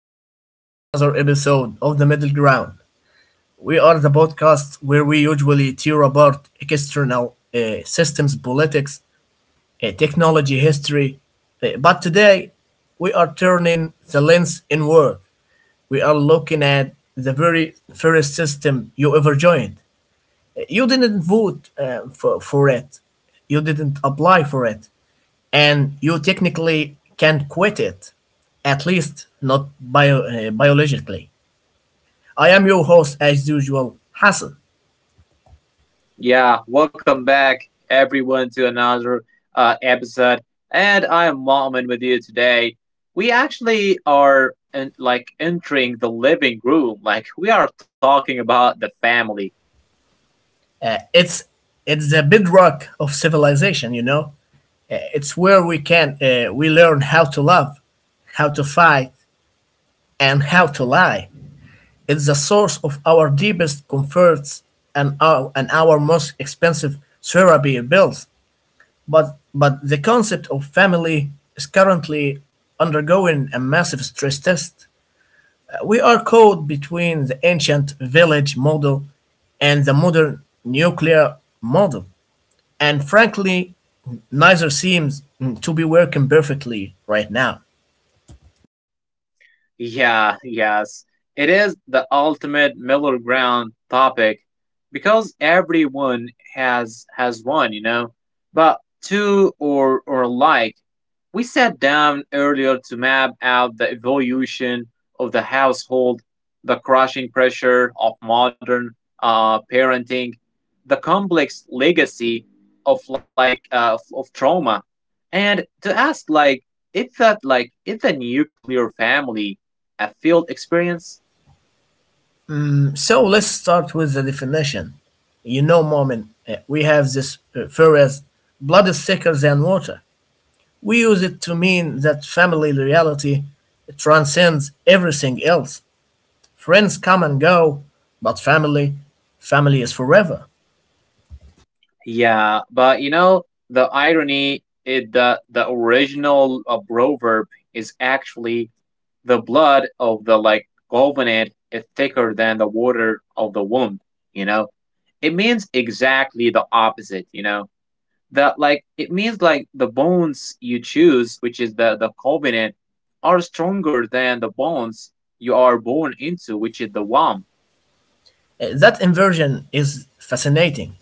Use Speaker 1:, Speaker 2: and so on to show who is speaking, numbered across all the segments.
Speaker 1: welcome back to another episode of The Middle Ground. We are the podcast where we usually tear apart external systems, politics, technology, history. But today, we are turning the lens inward. We are looking at the very first system you ever joined. You didn't vote for it, you didn't apply for it, and you technically can't quit it, at least not biologically. I am your host as usual, Hassan.
Speaker 2: Yeah, welcome back everyone to another episode. And I am Marvin with you today. We actually are in, like entering the living room, like we are talking about the family.
Speaker 1: Uh, it's it's the bedrock of civilization, you know. It's where we learn how to love, how to fight, and how to lie. It's the source of our deepest comforts and our most expensive therapy bills. But the concept of family is currently undergoing a massive stress test. We are caught between the ancient village model and the modern nuclear model. And frankly, neither seems to be working perfectly right now.
Speaker 2: Yeah, yes. It is the ultimate middle ground topic because everyone has one, you know. But two or like, we sat down earlier to map out the evolution of the household, the crushing pressure of modern parenting, the complex legacy of of trauma, and to ask like if that like if the nuclear family a field experience.
Speaker 1: So let's start with the definition. You know, Mormon, we have this phrase, blood is thicker than water. We use it to mean that family reality transcends everything else. Friends come and go, but family, family is forever.
Speaker 2: Yeah, but you know the irony is that the original proverb is actually the blood of the like covenant is thicker than the water of the womb. You know, it means exactly the opposite. You know that like it means like the bones you choose, which is the covenant, are stronger than the bones you are born into, which is the womb.
Speaker 1: That inversion is fascinating.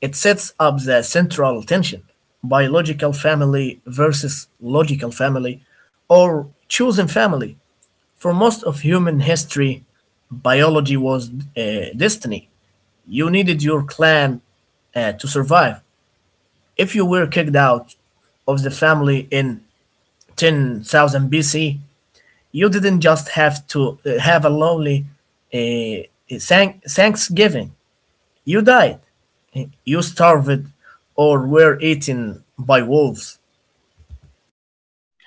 Speaker 1: It sets up the central tension: biological family versus logical family, or chosen family. For most of human history, biology was destiny. You needed your clan to survive. If you were kicked out of the family in 10,000 BC, you didn't just have to have a lonely uh, Thanksgiving. You died. You starved or were eaten by wolves.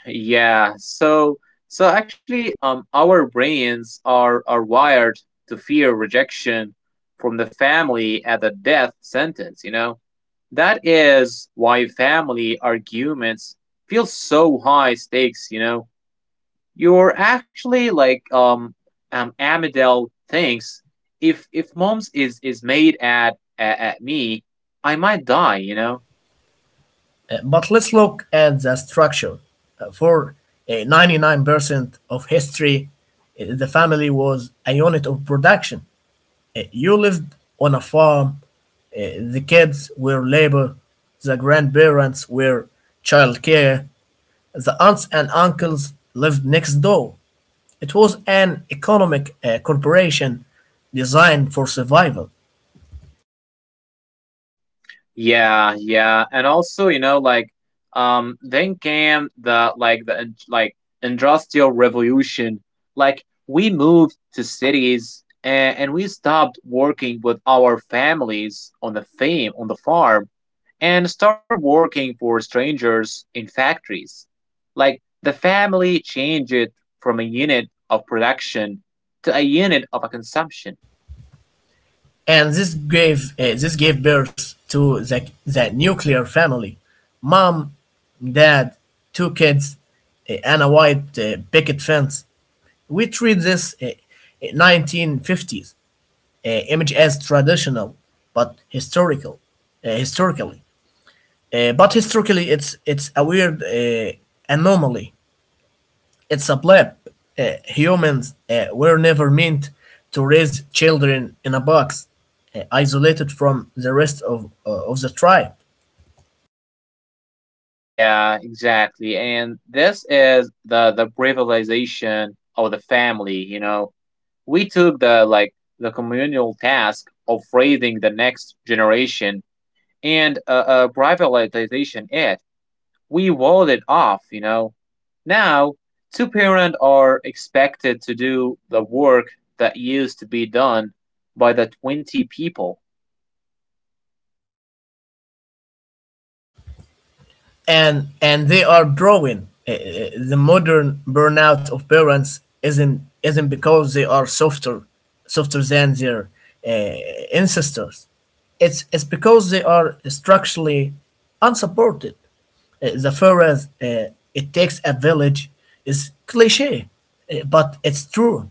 Speaker 2: Yeah. So actually, our brains are wired to fear rejection from the family at the death sentence. You know that is why family arguments feel so high stakes. You know you're actually like Amidel thinks if mom's is made at me, I might die. You know.
Speaker 1: But let's look at the structure. For 99% of history, the family was a unit of production. You lived on a farm. The kids were labor. The grandparents were childcare. The aunts and uncles lived next door. It was an economic corporation designed for survival.
Speaker 2: Yeah, yeah, and also you know like then came the like the industrial revolution. Like we moved to cities and we stopped working with our families on the farm and started working for strangers in factories. Like the family changed from a unit of production to a unit of a consumption.
Speaker 1: And this gave birth to the nuclear family. Mom, dad, two kids, and a white picket fence. We treat this 1950s image as traditional but historical historically but historically it's a weird anomaly, it's a blip. Humans were never meant to raise children in a box, isolated from the rest of the tribe.
Speaker 2: Yeah, exactly. And this is the privatization of the family, you know. We took the like the communal task of raising the next generation and privatization it. We walled it off, you know. Now, two parents are expected to do the work that used to be done by the 20 people.
Speaker 1: And and they are drawing. Uh, uh, The modern burnout of parents isn't because they are softer, softer than their uh, ancestors. It's because they are structurally unsupported. The phrase "it takes a village" is cliche, but it's true.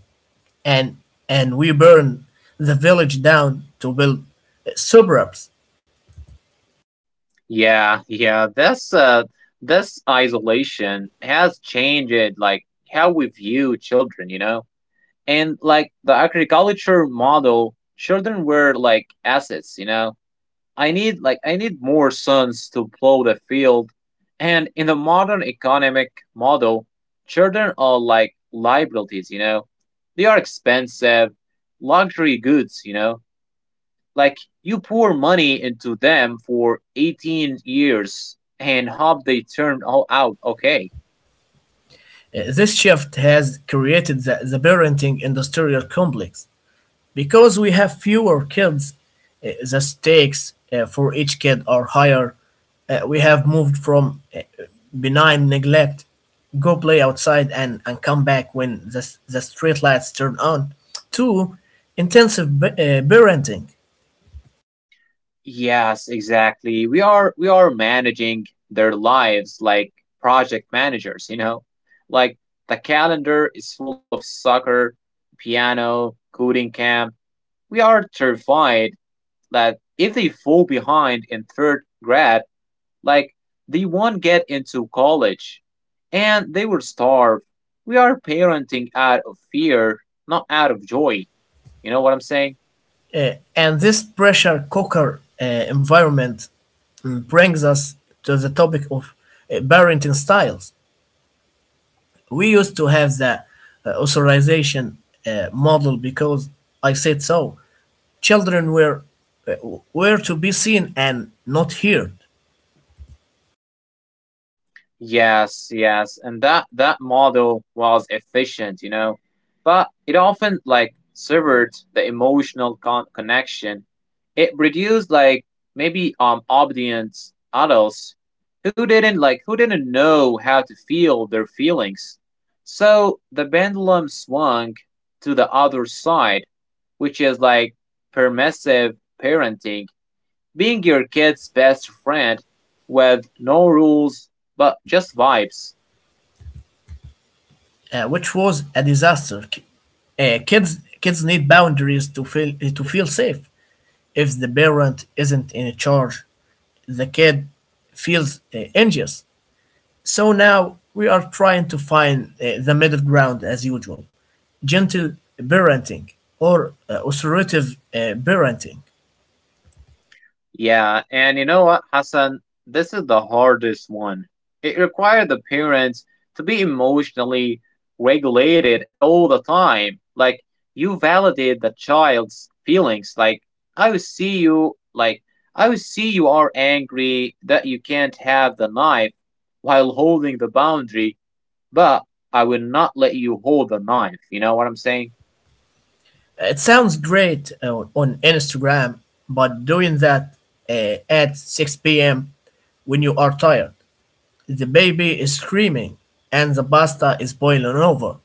Speaker 1: And and we burn the village down to build suburbs.
Speaker 2: Yeah, yeah. This isolation has changed like how we view children, you know? And like the agriculture model, children were like assets, you know. I need like I need more sons to plow the field. And in the modern economic model, children are like liabilities, you know. They are expensive, luxury goods, you know. Like you pour money into them for 18 years and hope they turn out okay.
Speaker 1: This shift has created the parenting industrial complex. Because we have fewer kids, the stakes for each kid are higher. We have moved from benign neglect, go play outside and come back when the street lights turn on, to intensive parenting.
Speaker 2: Yes, exactly. We are managing their lives like project managers, you know? Like the calendar is full of soccer, piano, coding camp. We are terrified that if they fall behind in third grad, like they won't get into college and they will starve. We are parenting out of fear, not out of joy. You know what I'm saying?
Speaker 1: And this pressure cooker environment brings us to the topic of parenting styles. We used to have the authorization model, because I said so. Children uh, were to be seen and not heard,
Speaker 2: Yes, yes, and that model was efficient, you know, but it often like severed the emotional connection. It produced like maybe obedient adults who didn't know how to feel their feelings. So the pendulum swung to the other side, which is like permissive parenting being your kid's best friend with no rules but just vibes.
Speaker 1: which was a disaster. Kids need boundaries to feel safe. If the parent isn't in charge, the kid feels anxious. So now we are trying to find the middle ground as usual: gentle parenting, or authoritative parenting.
Speaker 2: Yeah, and you know what, Hassan? This is the hardest one. It required the parents to be emotionally regulated all the time. Like, you validate the child's feelings. Like, I will see you, like, I will see you are angry that you can't have the knife while holding the boundary, but I will not let you hold the knife. You know what I'm saying?
Speaker 1: It sounds great on Instagram, but doing that at 6 p.m. when you are tired, the baby is screaming, and the pasta is boiling over.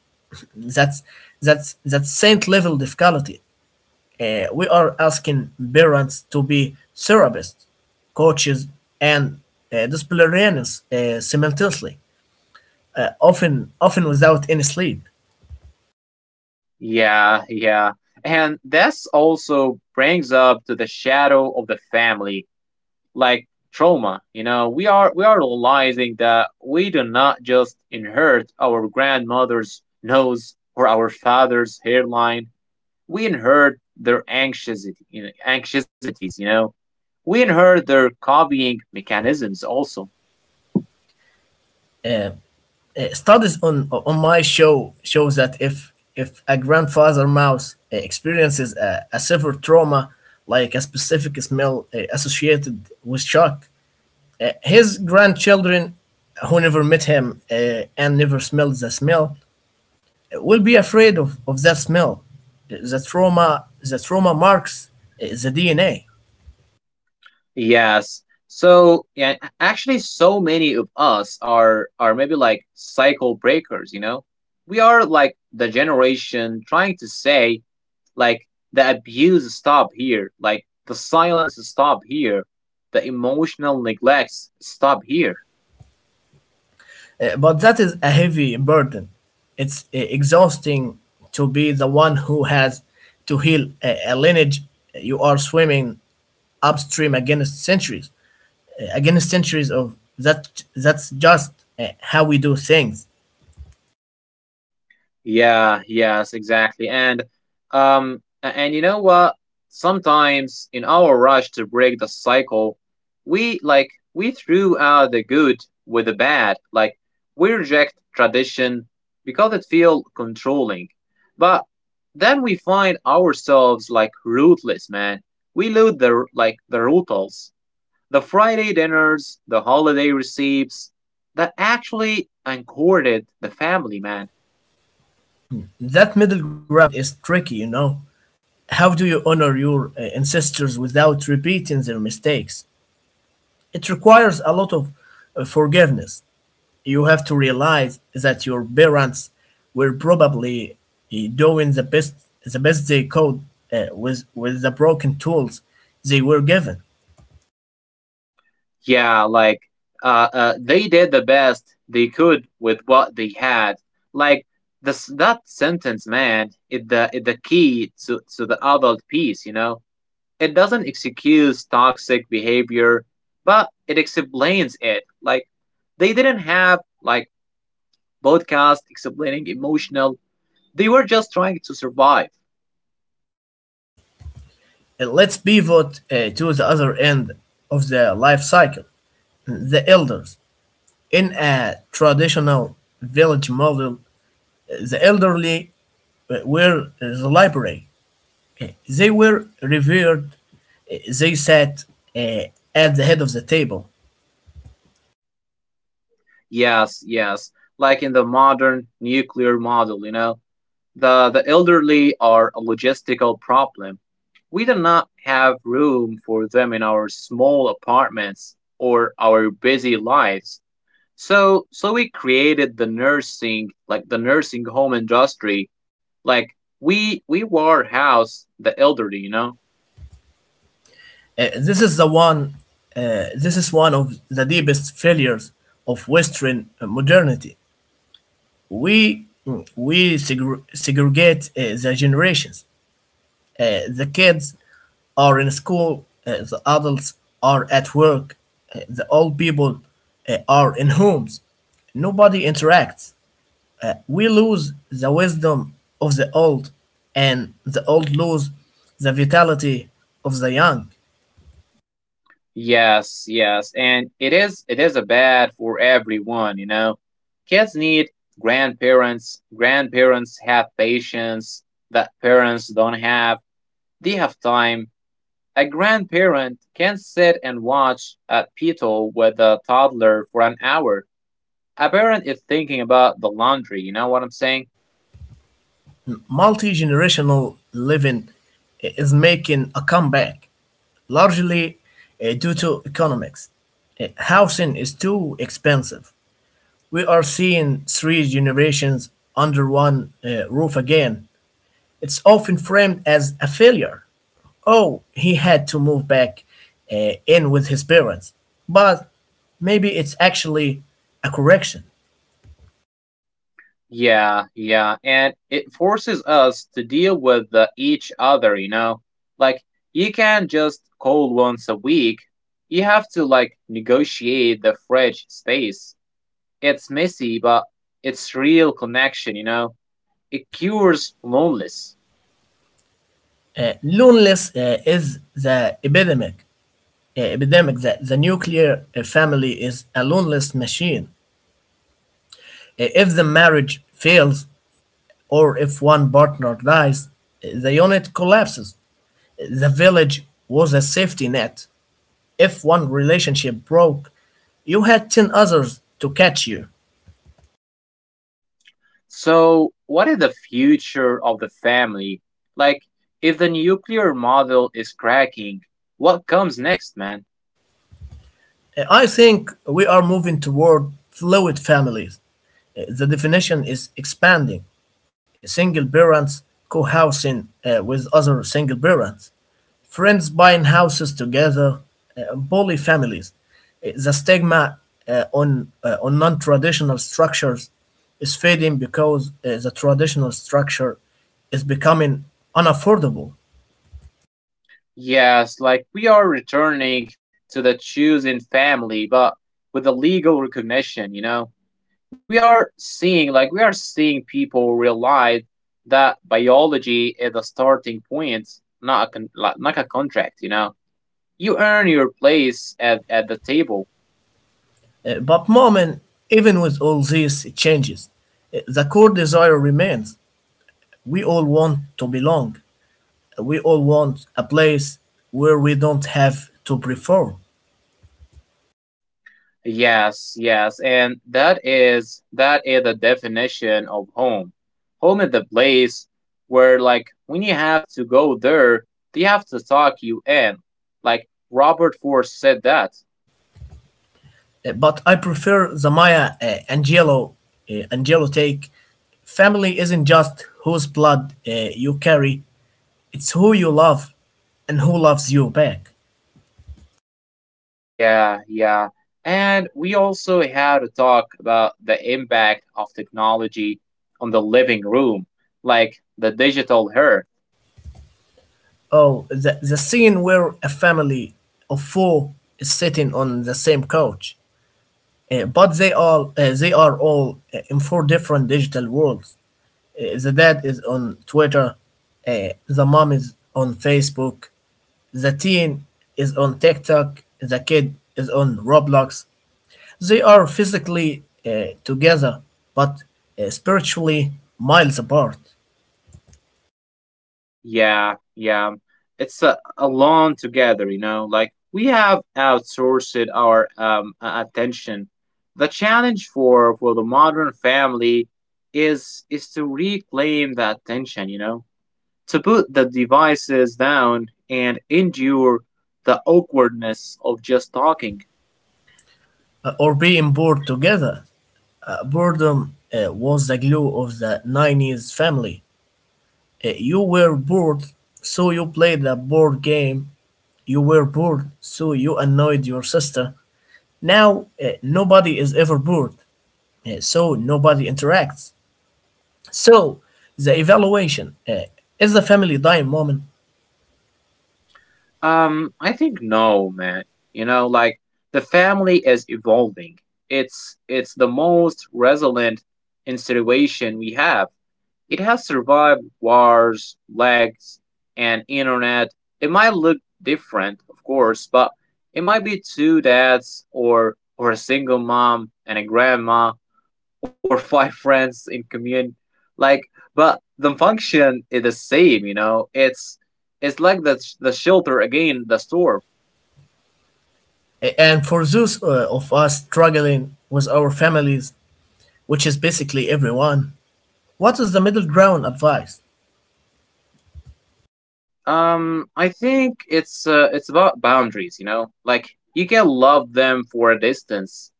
Speaker 1: That's that's saint level difficulty. We are asking parents to be therapists, coaches, and disciplinarians simultaneously, often without any sleep.
Speaker 2: Yeah, yeah. And this also brings up to the shadow of the family, like trauma. You know, we are realizing that we do not just inherit our grandmother's nose or our father's hairline. We inherit their anxieties, you know. We inherit their copying mechanisms also.
Speaker 1: Uh, Studies on my show show that if a grandfather mouse experiences a severe trauma, like a specific smell associated with shock, his grandchildren who never met him and never smelled the smell will be afraid of that smell. The trauma marks the DNA.
Speaker 2: Yes. So yeah, actually, so many of us are maybe like cycle breakers. You know, we are like the generation trying to say like the abuse stop here, like the silence stop here, the emotional neglects stop here.
Speaker 1: But that is a heavy burden. It's exhausting to be the one who has to heal a lineage. You are swimming upstream against centuries of that. That's just how we do things.
Speaker 2: Yeah, yes, exactly. And you know what? Sometimes in our rush to break the cycle, we threw out the good with the bad. Like we reject tradition because it feels controlling. But then we find ourselves like rootless, man. We lose the like the rituals, the Friday dinners, the holiday receipts that actually anchored the family, man.
Speaker 1: That middle ground is tricky, you know. How do you honor your ancestors without repeating their mistakes? It requires a lot of forgiveness. You have to realize that your parents were probably doing the best they could, with the broken tools they were given.
Speaker 2: Yeah, like they did the best they could with what they had. Like this, that sentence, man, is the key to the adult piece. You know, it doesn't excuse toxic behavior, but it explains it. Like they didn't have like podcast explaining emotional. They were just trying to survive.
Speaker 1: Let's pivot to the other end of the life cycle. The elders: in a traditional village model, the elderly were the library. They were revered. They sat eh, at the head of the table.
Speaker 2: Yes, yes. Like in the modern nuclear model, you know, the elderly are a logistical problem we do not have room for them in our small apartments or our busy lives. So we created the nursing home industry. Like we warehouse the elderly, you know?
Speaker 1: This is the one. This is one of the deepest failures of Western modernity. We segregate the generations. The kids are in school. The adults are at work. The old people are in homes. Nobody interacts. We lose the wisdom of the old, and the old lose the vitality of the young.
Speaker 2: Yes, yes. And it is a bad for everyone, you know. Kids need grandparents, grandparents have patience that parents don't have. They have time a grandparent can sit and watch a Pito with a toddler for an hour. A parent is thinking about the laundry, you know what I'm saying?
Speaker 1: Multi generational living is making a comeback, largely due to economics. Housing is too expensive. We are seeing three generations under one roof again. It's often framed as a failure. Oh, he had to move back in with his parents. But maybe it's actually a correction.
Speaker 2: Yeah, yeah. And it forces us to deal with the, each other, you know? Like, you can't just call once a week. You have to, like, negotiate the fridge space. It's messy, but it's real connection, you know? It cures loneliness.
Speaker 1: Loneliness is the epidemic that the nuclear family is a loneless machine. If the marriage fails or if one partner dies, the unit collapses. The village was a safety net. If one relationship broke, you had 10 others to catch you.
Speaker 2: So, what is the future of the family? Like, if the nuclear model is cracking, what comes next, man?
Speaker 1: I think we are moving toward fluid families. The definition is expanding. Single parents co housing with other single parents, friends buying houses together, poly families. The stigma on on non-traditional structures is fading because the traditional structure is becoming unaffordable.
Speaker 2: Yes, like we are returning to the choosing family, but with the legal recognition, you know? We are seeing, like, we are seeing people realize that biology is a starting point, not a contract, you know? You earn your place at the table.
Speaker 1: But moment, even with all these changes, the core desire remains. We all want to belong. We all want a place where we don't have to perform.
Speaker 2: Yes, yes, and that is the definition of home. Home is the place where, like, when you have to go there, they have to talk you in. Like Robert Ford said that.
Speaker 1: But I prefer the Maya Angelou take. Family isn't just whose blood you carry, it's who you love and who loves you back.
Speaker 2: Yeah, yeah. And we also had to talk about the impact of technology on the living room, like the digital hair.
Speaker 1: Oh, the scene where a family of four is sitting on the same couch, but they all they are all in four different digital worlds. The dad is on Twitter, the mom is on Facebook, the teen is on TikTok, the kid is on Roblox. They are physically together, but spiritually miles apart,
Speaker 2: Yeah, yeah. It's a long together, you know. Like we have outsourced our attention. The challenge for the modern family is to reclaim that attention, you know, to put the devices down and endure the awkwardness of just talking.
Speaker 1: or being bored together. Boredom was the glue of the 90s family. You were bored, so you played a board game. You were bored, so you annoyed your sister. Now, nobody is ever bored, so nobody interacts. So the evaluation is the family dying moment?
Speaker 2: I think no, man. You know, like the family is evolving. It's the most resilient institution we have. It has survived wars, lags, and internet. It might look different, of course, but it might be two dads or a single mom and a grandma or five friends in commune. Like, but the function is the same. You know, it's like the shelter again, the store.
Speaker 1: And for those of us struggling with our families, which is basically everyone, what is the middle ground advice
Speaker 2: I think it's about boundaries. You know, like you can love them for a distance.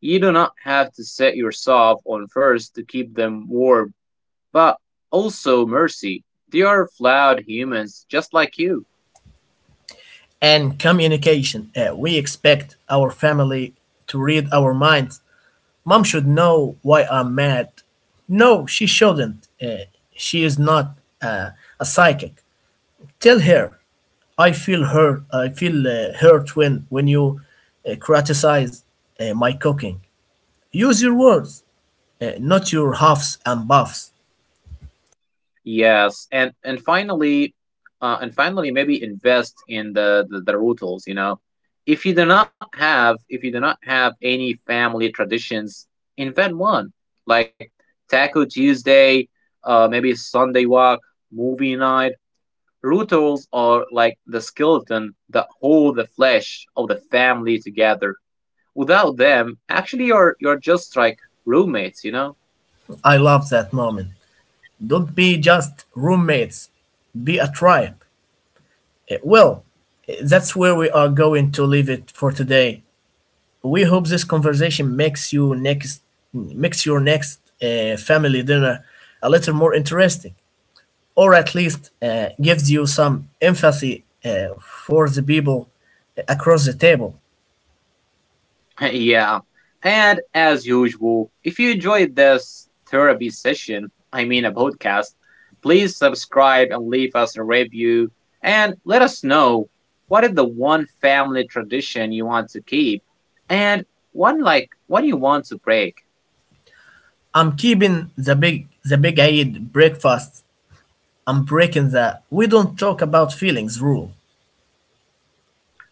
Speaker 2: You do not have to set yourself on first to keep them warm, but also mercy. They are flawed humans just like you.
Speaker 1: and communication? We expect our family to read our minds. Mom should know why I'm mad. No, she shouldn't. She is not uh, a psychic. Tell her I feel hurt. I feel hurt when you criticize my cooking. Use your words, not your huffs and puffs.
Speaker 2: Yes, and finally, maybe invest in the rituals. You know, if you do not have any family traditions, invent one like Taco Tuesday, maybe Sunday walk, movie night. Roots are like the skeleton that hold the flesh of the family together. Without them, actually, you're just like roommates, you know?
Speaker 1: I love that moment. Don't be just roommates. Be a tribe. Well, that's where we are going to leave it for today. We hope this conversation makes your next family dinner a little more interesting, or at least gives you some empathy for the people across the table.
Speaker 2: Yeah. And as usual, if you enjoyed this therapy session, I mean a podcast, please subscribe and leave us a review and let us know what is the one family tradition you want to keep and one like what do you want to break?
Speaker 1: I'm keeping the big Eid breakfast. I'm breaking the we don't talk about feelings rule.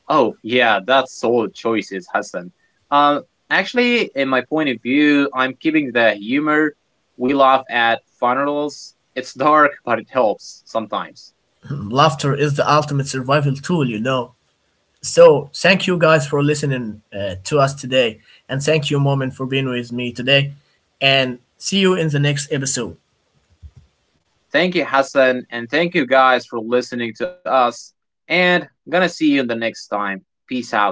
Speaker 2: Oh, yeah, that's solid choices, Hassan. Um, actually, in my point of view, I'm keeping the humor. We laugh at funerals. It's dark, but it helps sometimes.
Speaker 1: Laughter is the ultimate survival tool, you know. So thank you guys for listening to us today, and thank you, Moment, for being with me today. And see you in the next episode.
Speaker 2: Thank you, Hassan, and thank you guys for listening to us. And gonna see you in the next time. Peace out.